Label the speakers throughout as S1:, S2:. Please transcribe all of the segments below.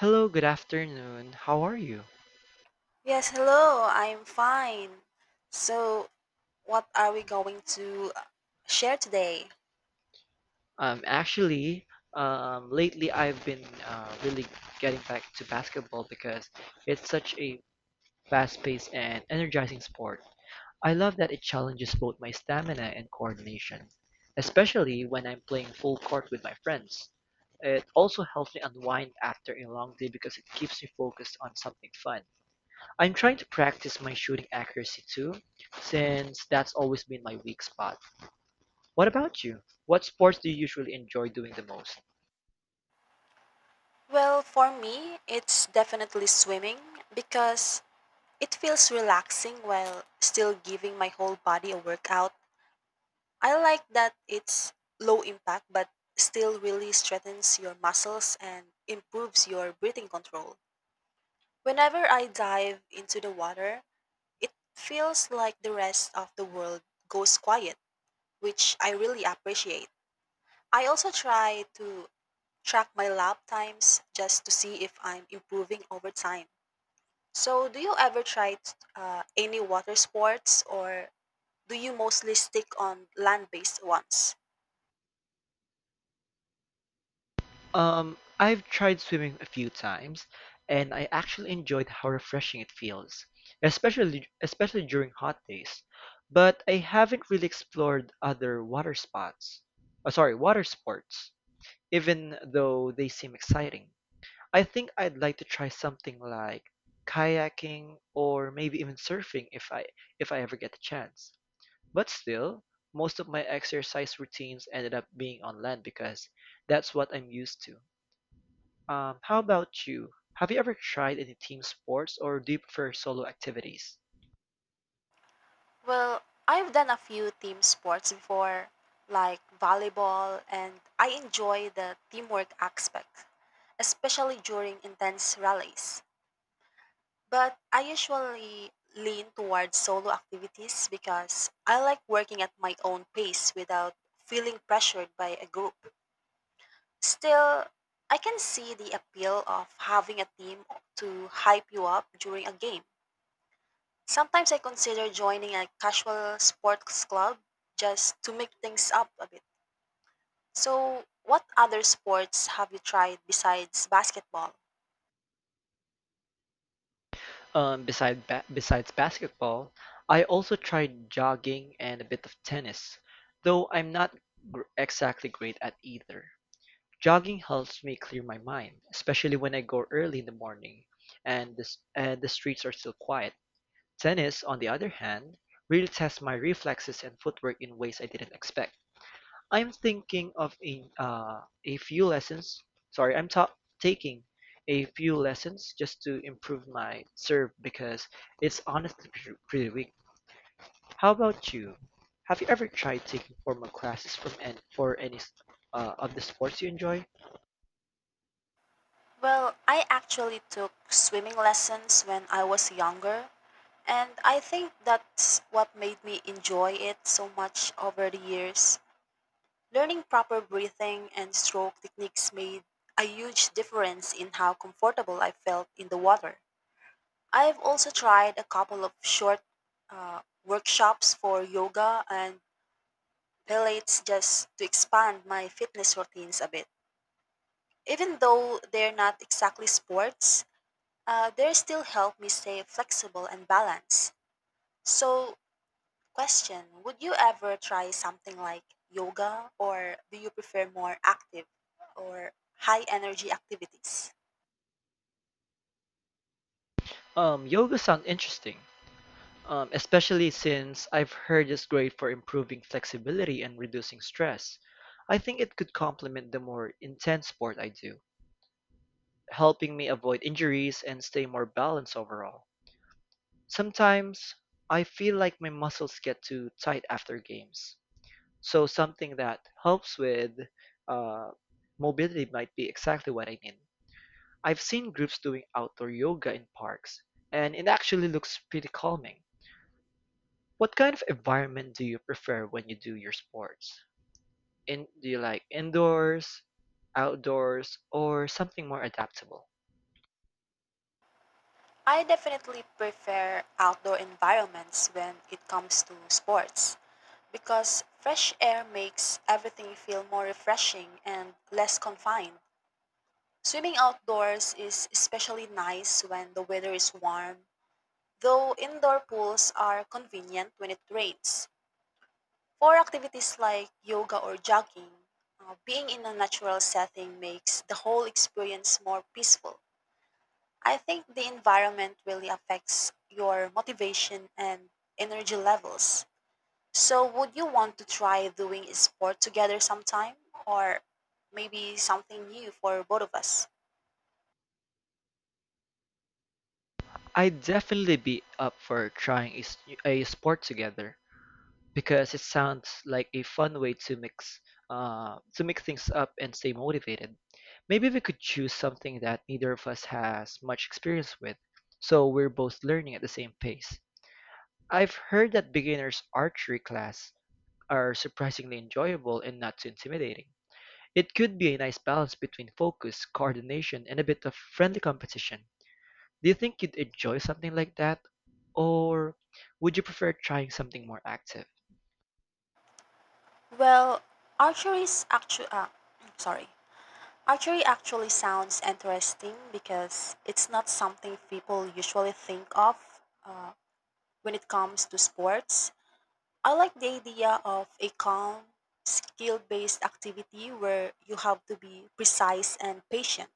S1: Hello, good afternoon. How are you?
S2: Yes, hello. I'm fine. So, what are we going to share today?
S1: Um, actually, lately I've been really getting back to basketball because it's such a fast-paced and energizing sport. I love that it challenges both my stamina and coordination, especially when I'm playing full court with my friends. It also helps me unwind after a long day because it keeps me focused on something fun. I'm trying to practice my shooting accuracy too, since that's always been my weak spot. What about you? What sports do you usually enjoy doing the most?
S2: Well, for me, it's definitely swimming because it feels relaxing while still giving my whole body a workout. I like that it's low impact but still really strengthens your muscles and improves your breathing control. Whenever I dive into the water, it feels like the rest of the world goes quiet, which I really appreciate. I also try to track my lap times just to see if I'm improving over time. So, do you ever try any water sports or do you mostly stick on land based ones?
S1: I've tried swimming a few times, and I actually enjoyed how refreshing it feels, especially during hot days. But I haven't really explored other water spots. Sorry, water sports, even though they seem exciting. I think I'd like to try something like kayaking or maybe even surfing if I ever get the chance. But still, most of my exercise routines ended up being on land because that's what I'm used to. How about you? Have you ever tried any team sports or do you prefer solo activities?
S2: Well, I've done a few team sports before, like volleyball, and I enjoy the teamwork aspect, especially during intense rallies. But I usually lean towards solo activities because I like working at my own pace without feeling pressured by a group. Still, I can see the appeal of having a team to hype you up during a game. Sometimes I consider joining a casual sports club just to make things up a bit. So, what other sports have you tried besides basketball?
S1: Besides basketball, I also tried jogging and a bit of tennis, though I'm not exactly great at either. Jogging helps me clear my mind, especially when I go early in the morning and the streets are still quiet. Tennis, on the other hand, really tests my reflexes and footwork in ways I didn't expect. I'm thinking of a few lessons. Sorry, I'm taking a few lessons just to improve my serve because it's honestly pretty weak. How about you? Have you ever tried taking formal classes for any of the sports you enjoy?
S2: Well, I actually took swimming lessons when I was younger, and I think that's what made me enjoy it so much over the years. Learning proper breathing and stroke techniques made a huge difference in how comfortable I felt in the water. I've also tried a couple of short uh, workshops for yoga and pilates just to expand my fitness routines a bit. Even though they're not exactly sports, they still help me stay flexible and balanced. So, question: would you ever try something like yoga, or do you prefer more active or high energy activities?
S1: Yoga sounds interesting. Especially since I've heard it's great for improving flexibility and reducing stress. I think it could complement the more intense sport I do, helping me avoid injuries and stay more balanced overall. Sometimes I feel like my muscles get too tight after games, so something that helps with uh, mobility might be exactly what I need. I've seen groups doing outdoor yoga in parks, and it actually looks pretty calming. What kind of environment do you prefer when you do your sports? In Do you like indoors, outdoors, or something more adaptable?
S2: I definitely prefer outdoor environments when it comes to sports because fresh air makes everything feel more refreshing and less confined. Swimming outdoors is especially nice when the weather is warm, though indoor pools are convenient when it rains. For activities like yoga or jogging, being in a natural setting makes the whole experience more peaceful. I think the environment really affects your motivation and energy levels. So, would you want to try doing a sport together sometime, or maybe something new for both of us?
S1: I'd definitely be up for trying a sport together because it sounds like a fun way to mix things up and stay motivated. Maybe we could choose something that neither of us has much experience with, so we're both learning at the same pace. I've heard that beginners archery class are surprisingly enjoyable and not too intimidating. It could be a nice balance between focus, coordination, and a bit of friendly competition. Do you think you'd enjoy something like that? Or would you prefer trying something more active?
S2: Well, archery is actually, sorry. Archery actually sounds interesting because it's not something people usually think of when it comes to sports. I like the idea of a calm, skill based activity where you have to be precise and patient.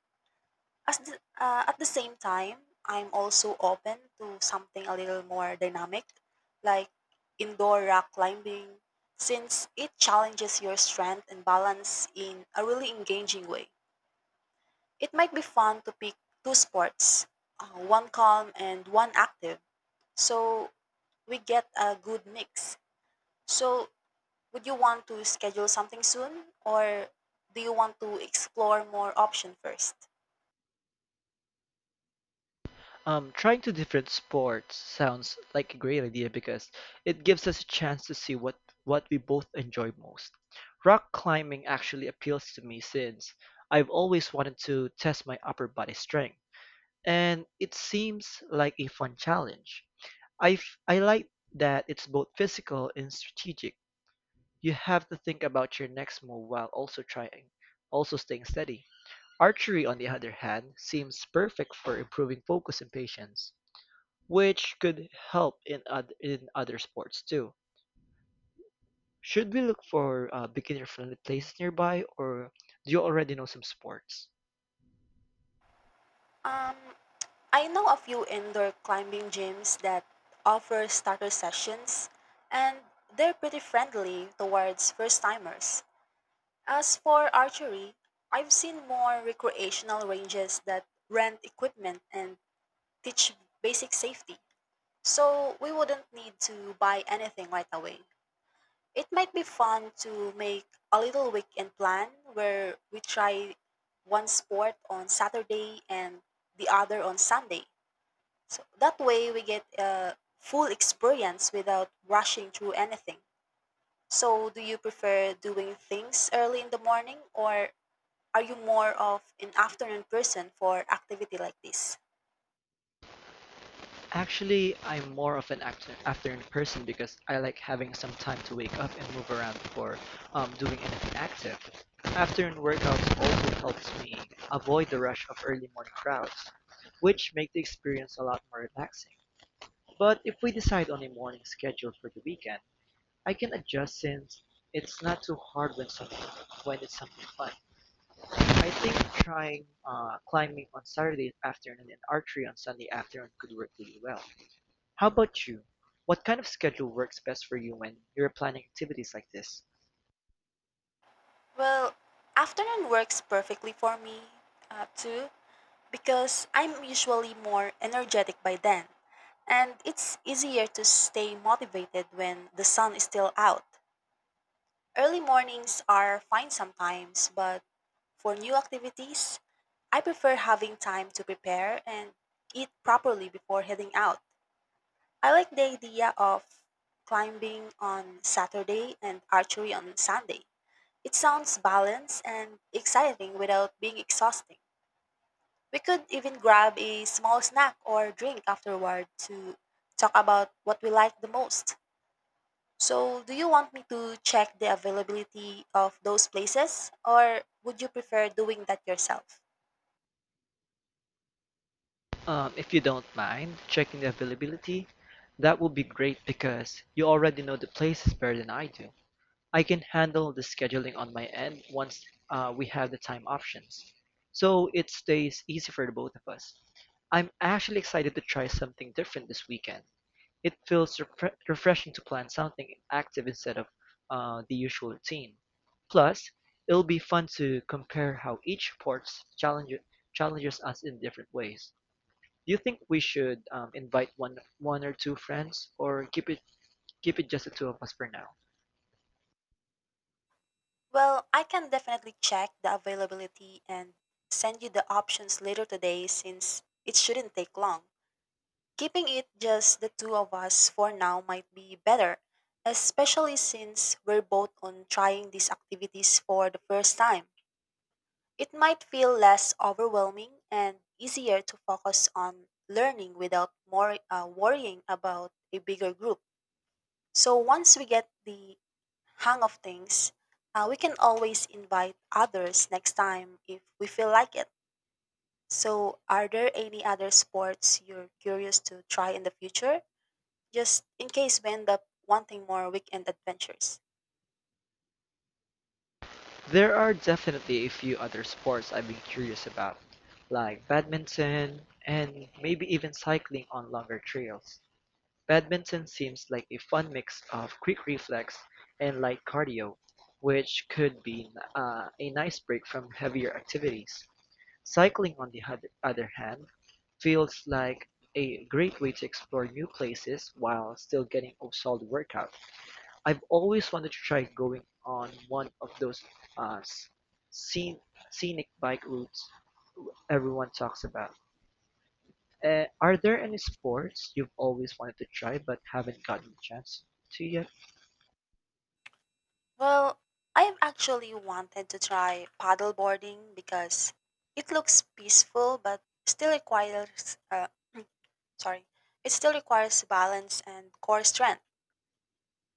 S2: As the, at the same time, I'm also open to something a little more dynamic, like indoor rock climbing, since it challenges your strength and balance in a really engaging way. It might be fun to pick two sports, one calm and one active, so we get a good mix. So, would you want to schedule something soon, or do you want to explore more option first?
S1: Trying two different sports sounds like a great idea because it gives us a chance to see what we both enjoy most. Rock climbing actually appeals to me since I've always wanted to test my upper body strength, and it seems like a fun challenge. I like that it's both physical and strategic. You have to think about your next move while also staying steady. Archery, on the other hand, seems perfect for improving focus and patience, which could help in other sports too. Should we look for beginner friendly places nearby, or do you already know some sports?
S2: Um, I know a few indoor climbing gyms that offer starter sessions, and they're pretty friendly towards first timers. As for archery, I've seen more recreational ranges that rent equipment and teach basic safety. So we wouldn't need to buy anything right away. It might be fun to make a little weekend plan where we try one sport on Saturday and the other on Sunday. So that way we get a full experience without rushing through anything. So, do you prefer doing things early in the morning, or are you more of an afternoon person for activity like this?
S1: Actually, I'm more of an afternoon person because I like having some time to wake up and move around before doing anything active. Afternoon workouts also helps me avoid the rush of early morning crowds, which make the experience a lot more relaxing. But if we decide on a morning schedule for the weekend, I can adjust since it's not too hard when something when it's something fun. I think trying climbing on Saturday afternoon and archery on Sunday afternoon could work really well. How about you? What kind of schedule works best for you when you're planning activities like this?
S2: Well, afternoon works perfectly for me too, because I'm usually more energetic by then, and it's easier to stay motivated when the sun is still out. Early mornings are fine sometimes, but for new activities, I prefer having time to prepare and eat properly before heading out. I like the idea of climbing on Saturday and archery on Sunday. It sounds balanced and exciting without being exhausting. We could even grab a small snack or drink afterward to talk about what we like the most. So, do you want me to check the availability of those places, or would you prefer doing that yourself?
S1: If you don't mind checking the availability, that would be great because you already know the places better than I do. I can handle the scheduling on my end once we have the time options, so it stays easy for the both of us. I'm actually excited to try something different this weekend. It feels refreshing to plan something active instead of the usual routine. Plus, it'll be fun to compare how each sport challenges challenges us in different ways. Do you think we should invite one or two friends, or keep it just the two of us for now?
S2: Well, I can definitely check the availability and send you the options later today since it shouldn't take long. Keeping it just the two of us for now might be better, especially since we're both on trying these activities for the first time. It might feel less overwhelming and easier to focus on learning without more worrying about a bigger group. So once we get the hang of things, we can always invite others next time if we feel like it. So, are there any other sports you're curious to try in the future, just in case we end up wanting more weekend adventures?
S1: There are definitely a few other sports I've been curious about, like badminton and maybe even cycling on longer trails. Badminton seems like a fun mix of quick reflex and light cardio, which could be a nice break from heavier activities. Cycling, on the other hand, feels like a great way to explore new places while still getting a solid workout. I've always wanted to try going on one of those uh, scen- scenic bike routes everyone talks about. Are there any sports you've always wanted to try but haven't gotten the chance to yet?
S2: Well, I've actually wanted to try paddleboarding because it looks peaceful but still sorry, requires balance and core strength.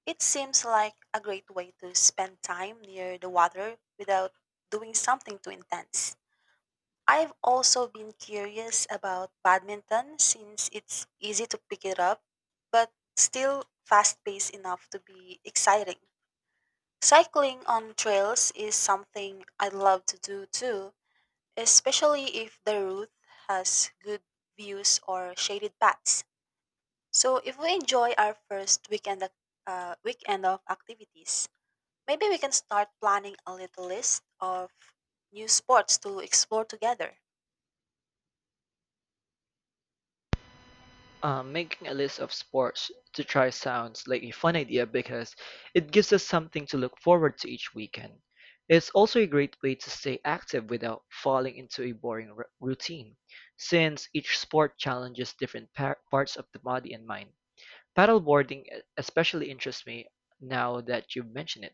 S2: It seems like a great way to spend time near the water without doing something too intense. I've also been curious about badminton since it's easy to pick it up, but still fast paced enough to be exciting. Cycling on trails is something I'd love to do too, especially if the route has good views or shaded paths. So if we enjoy our first weekend of activities, maybe we can start planning a little list of new sports to explore together.
S1: Making a list of sports to try sounds like a fun idea because it gives us something to look forward to each weekend. It's also a great way to stay active without falling into a boring routine, since each sport challenges different parts of the body and mind. Paddleboarding especially interests me now that you've mentioned it.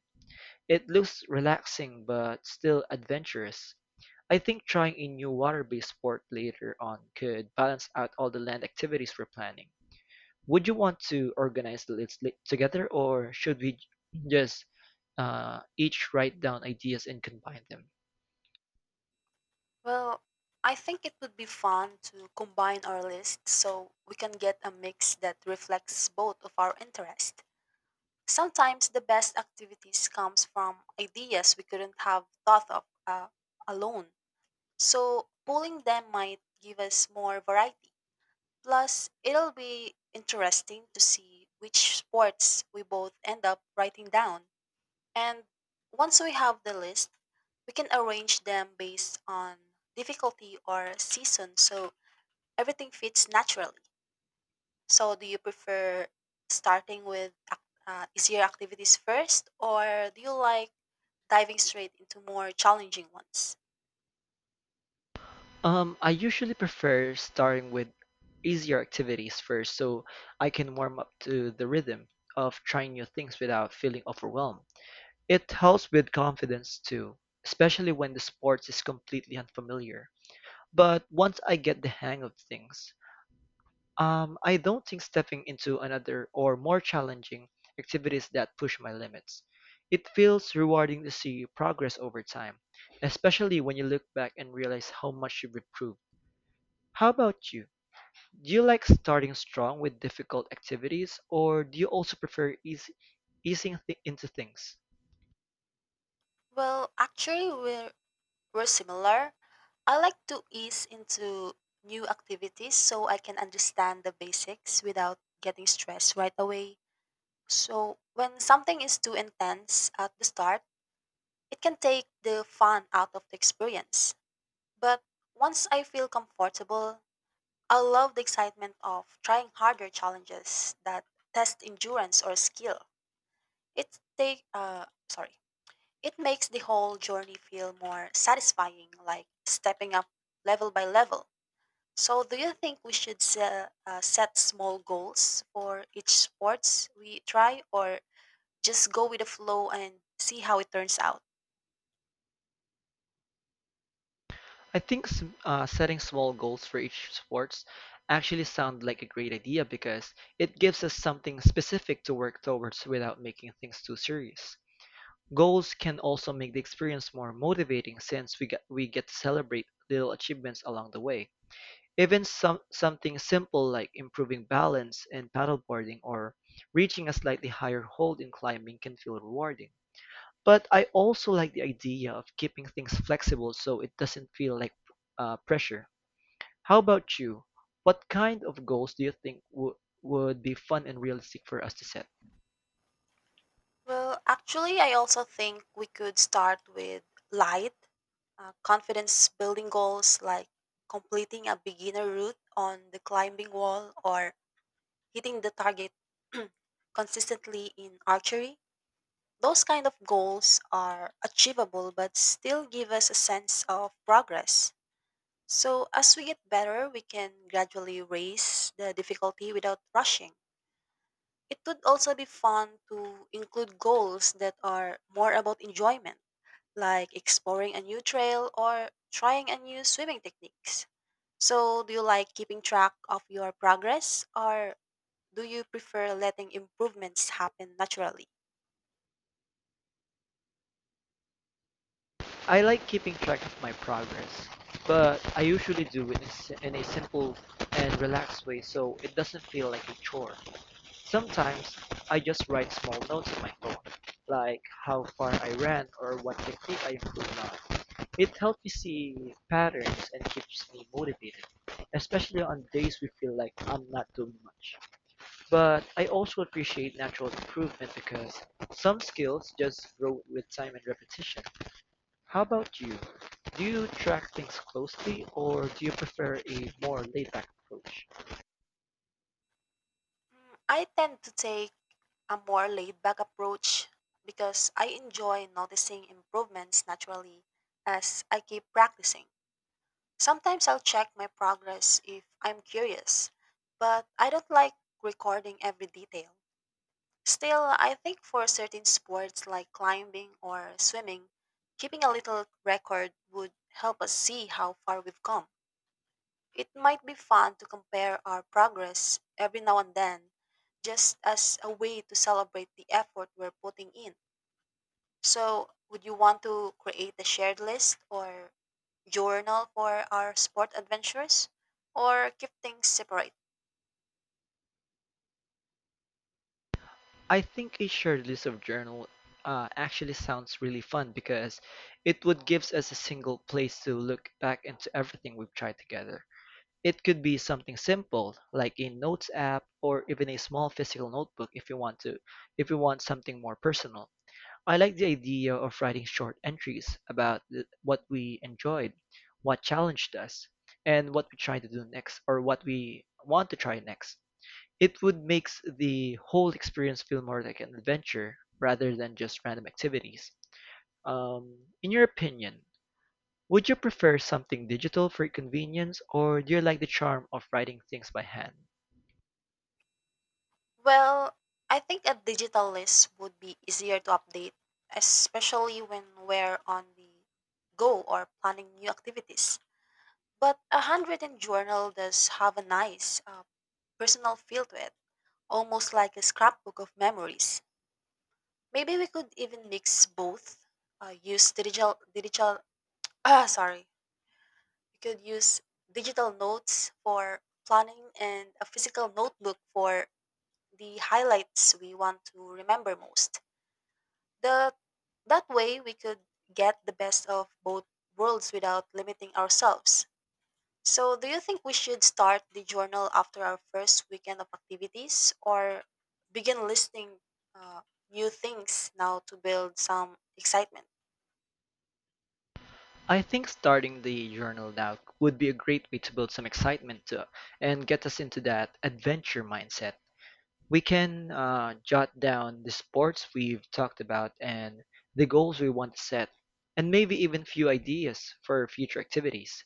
S1: It looks relaxing but still adventurous. I think trying a new water-based sport later on could balance out all the land activities we're planning. Would you want to organize the list together, or should we just each write down ideas and combine them?
S2: Well, I think it would be fun to combine our lists so we can get a mix that reflects both of our interests. Sometimes the best activities comes from ideas we couldn't have thought of alone. So pulling them might give us more variety. Plus, it'll be interesting to see which sports we both end up writing down. And once we have the list, we can arrange them based on difficulty or season so everything fits naturally. So, do you prefer starting with easier activities first, or do you like diving straight into more challenging ones?
S1: I usually prefer starting with easier activities first, so I can warm up to the rhythm of trying new things without feeling overwhelmed. It helps with confidence too, especially when the sport is completely unfamiliar. But once I get the hang of things, I don't think stepping into another or more challenging activities that push my limits. It feels rewarding to see progress over time, especially when you look back and realize how much you've improved. How about you? Do you like starting strong with difficult activities, or do you also prefer easing into things?
S2: Well, actually, we're similar. I like to ease into new activities so I can understand the basics without getting stressed right away. So, when something is too intense at the start, it can take the fun out of the experience. But once I feel comfortable, I love the excitement of trying harder challenges that test endurance or skill. It take sorry. It makes the whole journey feel more satisfying, like stepping up level by level. So, do you think we should set small goals for each sports we try, or just go with the flow and see how it turns out?
S1: I think setting small goals for each sports actually sound like a great idea because it gives us something specific to work towards without making things too serious. Goals can also make the experience more motivating since we get to celebrate little achievements along the way. Even something simple like improving balance in paddleboarding or reaching a slightly higher hold in climbing can feel rewarding. But I also like the idea of keeping things flexible so it doesn't feel like pressure. How about you? What kind of goals do you think would be fun and realistic for us to set?
S2: Well, actually, I also think we could start with light, confidence building goals like completing a beginner route on the climbing wall or hitting the target consistently in archery. Those kind of goals are achievable but still give us a sense of progress. So, as we get better, we can gradually raise the difficulty without rushing. It would also be fun to include goals that are more about enjoyment, like exploring a new trail or trying a new swimming techniques. So, do you like keeping track of your progress, or do you prefer letting improvements happen naturally?
S1: I like keeping track of my progress, but I usually do it in in a simple and relaxed way so it doesn't feel like a chore. Sometimes I just write small notes in my phone, like how far I ran or what technique I improved on. It helps me see patterns and keeps me motivated, especially on days we feel like I'm not doing much. But I also appreciate natural improvement because some skills just grow with time and repetition. How about you? Do you track things closely or do you prefer a more laid-back approach?
S2: Mm, I tend to take a more laid back approach because I enjoy noticing improvements naturally as I keep practicing. Sometimes I'll check my progress if I'm curious, but I don't like recording every detail. Still, I think for certain sports like climbing or swimming, keeping a little record would help us see how far we've come. It might be fun to compare our progress every now and then, just as a way to celebrate the effort we're putting in. So, would you want to create a shared list or journal for our sport adventures, or keep things separate?
S1: I think a shared list of journal actually sounds really fun because it would gives us a single place to look back into everything we've tried together. It could be something simple like a notes app or even a small physical notebook if you want something more personal. I like the idea of writing short entries about what we enjoyed, what challenged us, and what we want to try next. It would makes the whole experience feel more like an adventure rather than just random activities. In your opinion, would you prefer something digital for convenience or do you like the charm of writing things by hand?
S2: Well, I think a digital list would be easier to update, especially when we're on the go or planning new activities. But a handwritten journal does have a nice personal feel to it, almost like a scrapbook of memories. Maybe we could even mix both. Use digital digital ah sorry We could use digital notes for planning and a physical notebook for the highlights we want to remember most. The, that way, we could get the best of both worlds without limiting ourselves. So, do you think we should start the journal after our first weekend of activities or begin listing uh, new things now to build some excitement?
S1: I think starting the journal now would be a great way to build some excitement and get us into that adventure mindset. We can jot down the sports we've talked about and the goals we want to set, and maybe even few ideas for future activities.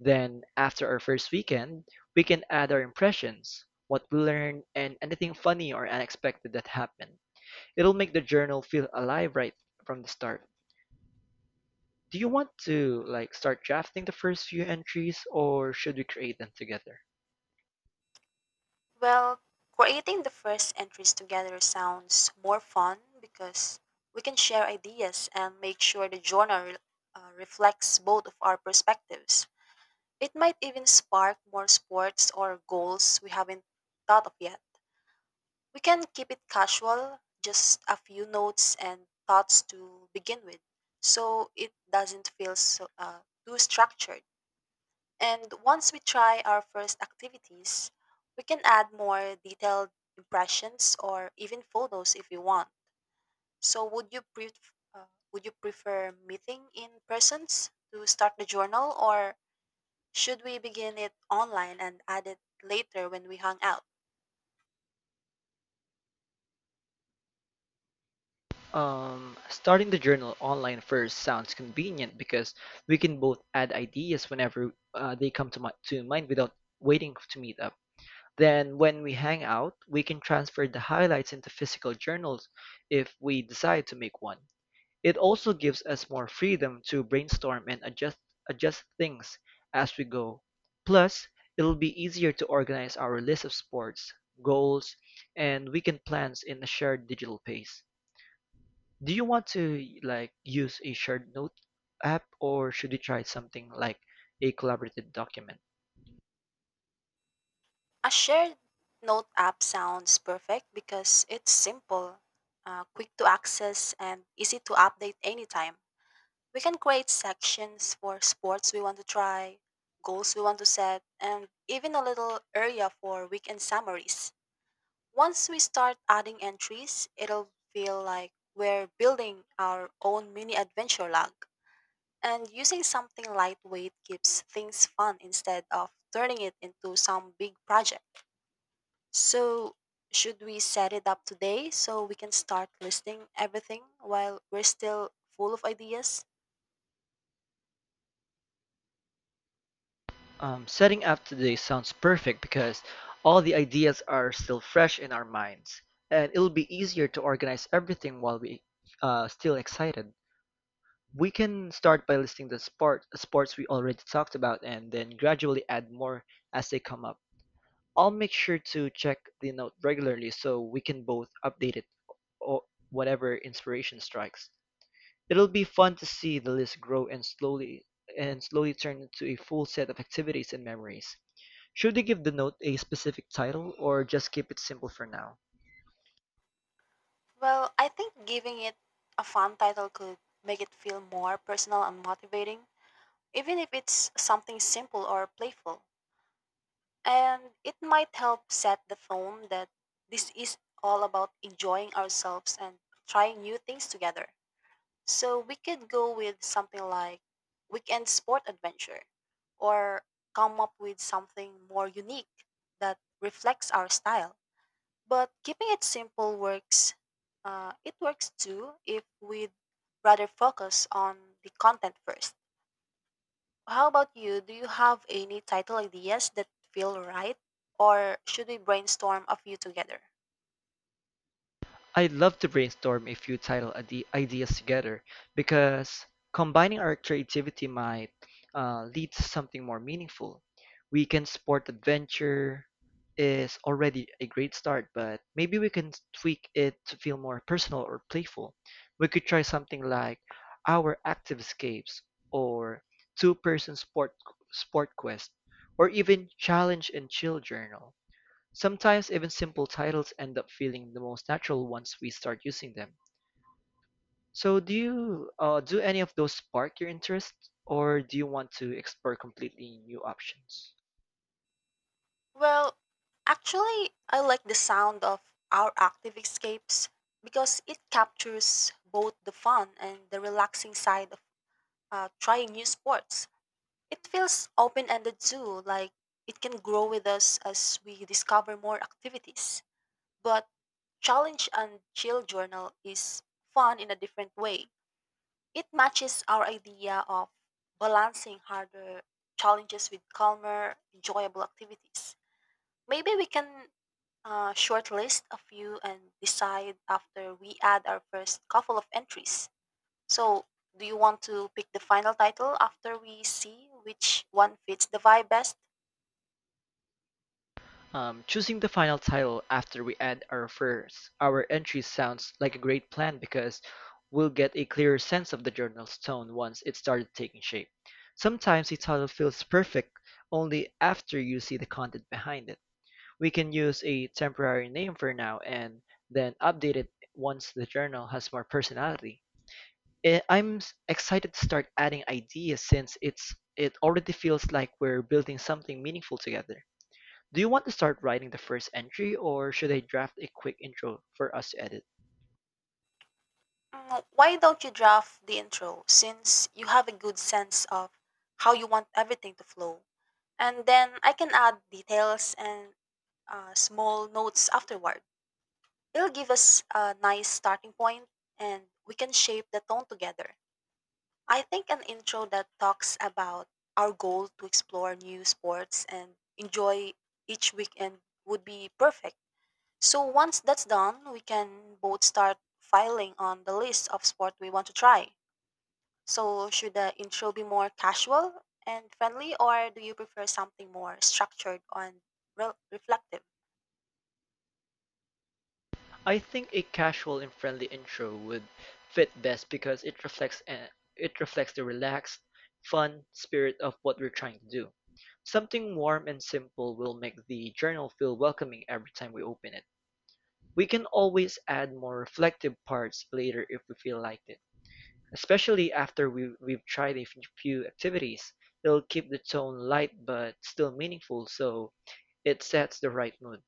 S1: Then, after our first weekend, we can add our impressions, what we learned, and anything funny or unexpected that happened. It'll make the journal feel alive right from the start. Do you want to like start drafting the first few entries or should we create them together?
S2: Well, creating the first entries together sounds more fun because we can share ideas and make sure the journal reflects both of our perspectives. It might even spark more sports or goals we haven't thought of yet. We can keep it casual, just a few notes and thoughts to begin with, so it doesn't feel so, too structured. And once we try our first activities, we can add more detailed impressions or even photos if we want. So would you would you prefer meeting in persons to start the journal or should we begin it online and add it later when we hang out?
S1: Starting the journal online first sounds convenient because we can both add ideas whenever they come to mind without waiting to meet up. Then, when we hang out, we can transfer the highlights into physical journals if we decide to make one. It also gives us more freedom to brainstorm and adjust things as we go. Plus, it'll be easier to organize our list of sports, goals, and weekend plans in a shared digital pace. Do you want to like use a shared note app or should we try something like a collaborative document?
S2: A shared note app sounds perfect because it's simple, quick to access and easy to update anytime. We can create sections for sports we want to try, goals we want to set, and even a little area for weekend summaries. Once we start adding entries, it'll feel like we're building our own mini adventure log. And using something lightweight keeps things fun instead of turning it into some big project. So, should we set it up today so we can start listing everything while we're still full of ideas?
S1: Setting up today sounds perfect because all the ideas are still fresh in our minds, and it'll be easier to organize everything while we still excited. We can start by listing the sports we already talked about and then gradually add more as they come up. I'll make sure to check the note regularly so we can both update it or whatever inspiration strikes. It'll be fun to see the list grow and slowly turn into a full set of activities and memories. Should we give the note a specific title or just keep it simple for now?
S2: Well, I think giving it a fun title could make it feel more personal and motivating, even if it's something simple or playful. And it might help set the tone that this is all about enjoying ourselves and trying new things together. So we could go with something like weekend sport adventure or come up with something more unique that reflects our style. But keeping it simple works. It works too if we'd rather focus on the content first. How about you? Do you have any title ideas that feel right? Or should we brainstorm a few together?
S1: I love to brainstorm a few ideas together because combining our creativity might lead to something more meaningful. Weekend Sport Adventure is already a great start, but maybe we can tweak it to feel more personal or playful. We could try something like Our Active Escapes or Two Person Sport Quest or even Challenge and Chill Journal. Sometimes even simple titles end up feeling the most natural once we start using them. So do you do any of those spark your interest, or do you want to explore completely new options?
S2: Well, actually, I like the sound of our active escapes because it captures both the fun and the relaxing side of trying new sports. It feels open ended too, like it can grow with us as we discover more activities. But Challenge and Chill Journal is fun in a different way. It matches our idea of balancing harder challenges with calmer, enjoyable activities. Maybe we can shortlist a few and decide after we add our first couple of entries. So, do you want to pick the final title after we see which one fits the vibe best?
S1: Choosing the final title after we add our entry sounds like a great plan because we'll get a clearer sense of the journal's tone once it started taking shape. Sometimes the title feels perfect only after you see the content behind it. We can use a temporary name for now and then update it once the journal has more personality. Excited to start adding ideas since it already feels like we're building something meaningful together. Do you want to start writing the first entry or should I draft a quick intro for us to edit?
S2: Mm, why don't you draft the intro since you have a good sense of how you want everything to flow? And then I can add details and small notes afterward. It'll give us a nice starting point and we can shape the tone together. I think an intro that talks about our goal to explore new sports and enjoy each weekend would be perfect. So once that's done, we can both start filing on the list of sport we want to try. So, should the intro be more casual and friendly, or do you prefer something more structured and reflective?
S1: I think a casual and friendly intro would fit best because it reflects the relaxed, fun spirit of what we're trying to do. Something warm and simple will make the journal feel welcoming every time we open it. We can always add more reflective parts later if we feel like it. Especially after we've tried a few activities, it'll keep the tone light but still meaningful so it sets the right mood.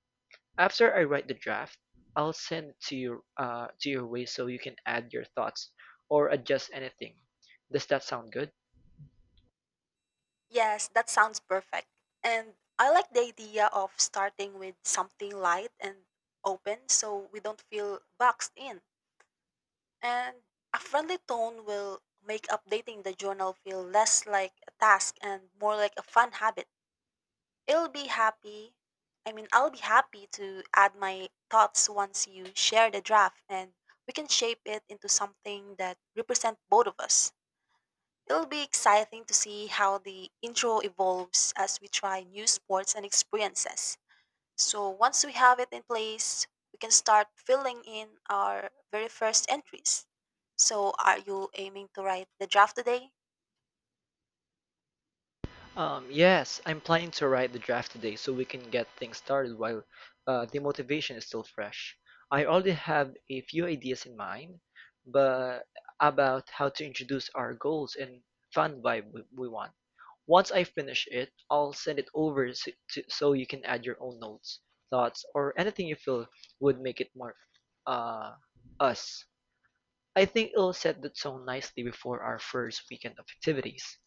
S1: After I write the draft, I'll send it to your way so you can add your thoughts or adjust anything. Does that sound good?
S2: Yes, that sounds perfect. And I like the idea of starting with something light and open so we don't feel boxed in. And a friendly tone will make updating the journal feel less like a task and more like a fun habit. It'll be happy. I mean, I'll be happy to add my thoughts once you share the draft and we can shape it into something that represents both of us. It'll be exciting to see how the intro evolves as we try new sports and experiences. So, once we have it in place, we can start filling in our very first entries. So, are you aiming to write the draft today?
S1: Yes, I'm planning to write the draft today so we can get things started while the motivation is still fresh. I already have a few ideas in mind, but about how to introduce our goals and fun vibe we want. Once I finish it, I'll send it over so you can add your own notes, thoughts, or anything you feel would make it more uh, us. I think it'll set the tone nicely before our first weekend of activities.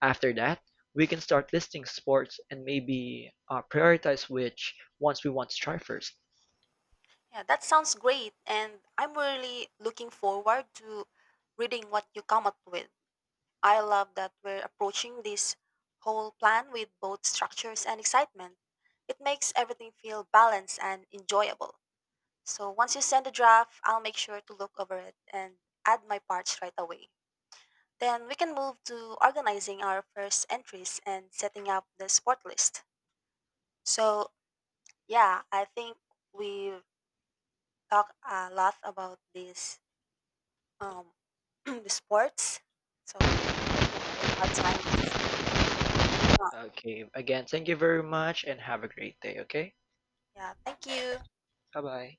S1: After that, we can start listing sports and maybe prioritize which ones we want to try first.
S2: Yeah, that sounds great, and I'm really looking forward to reading what you come up with. I love that we're approaching this whole plan with both structures and excitement. It makes everything feel balanced and enjoyable. So once you send the draft, I'll make sure to look over it and add my parts right away. Then we can move to organizing our first entries and setting up the sport list. So, yeah, I think we've talked a lot about this um, the sports. So I think that our time is done.
S1: Okay, again, thank you very much and have a great day, okay?
S2: Yeah, thank you.
S1: Bye bye.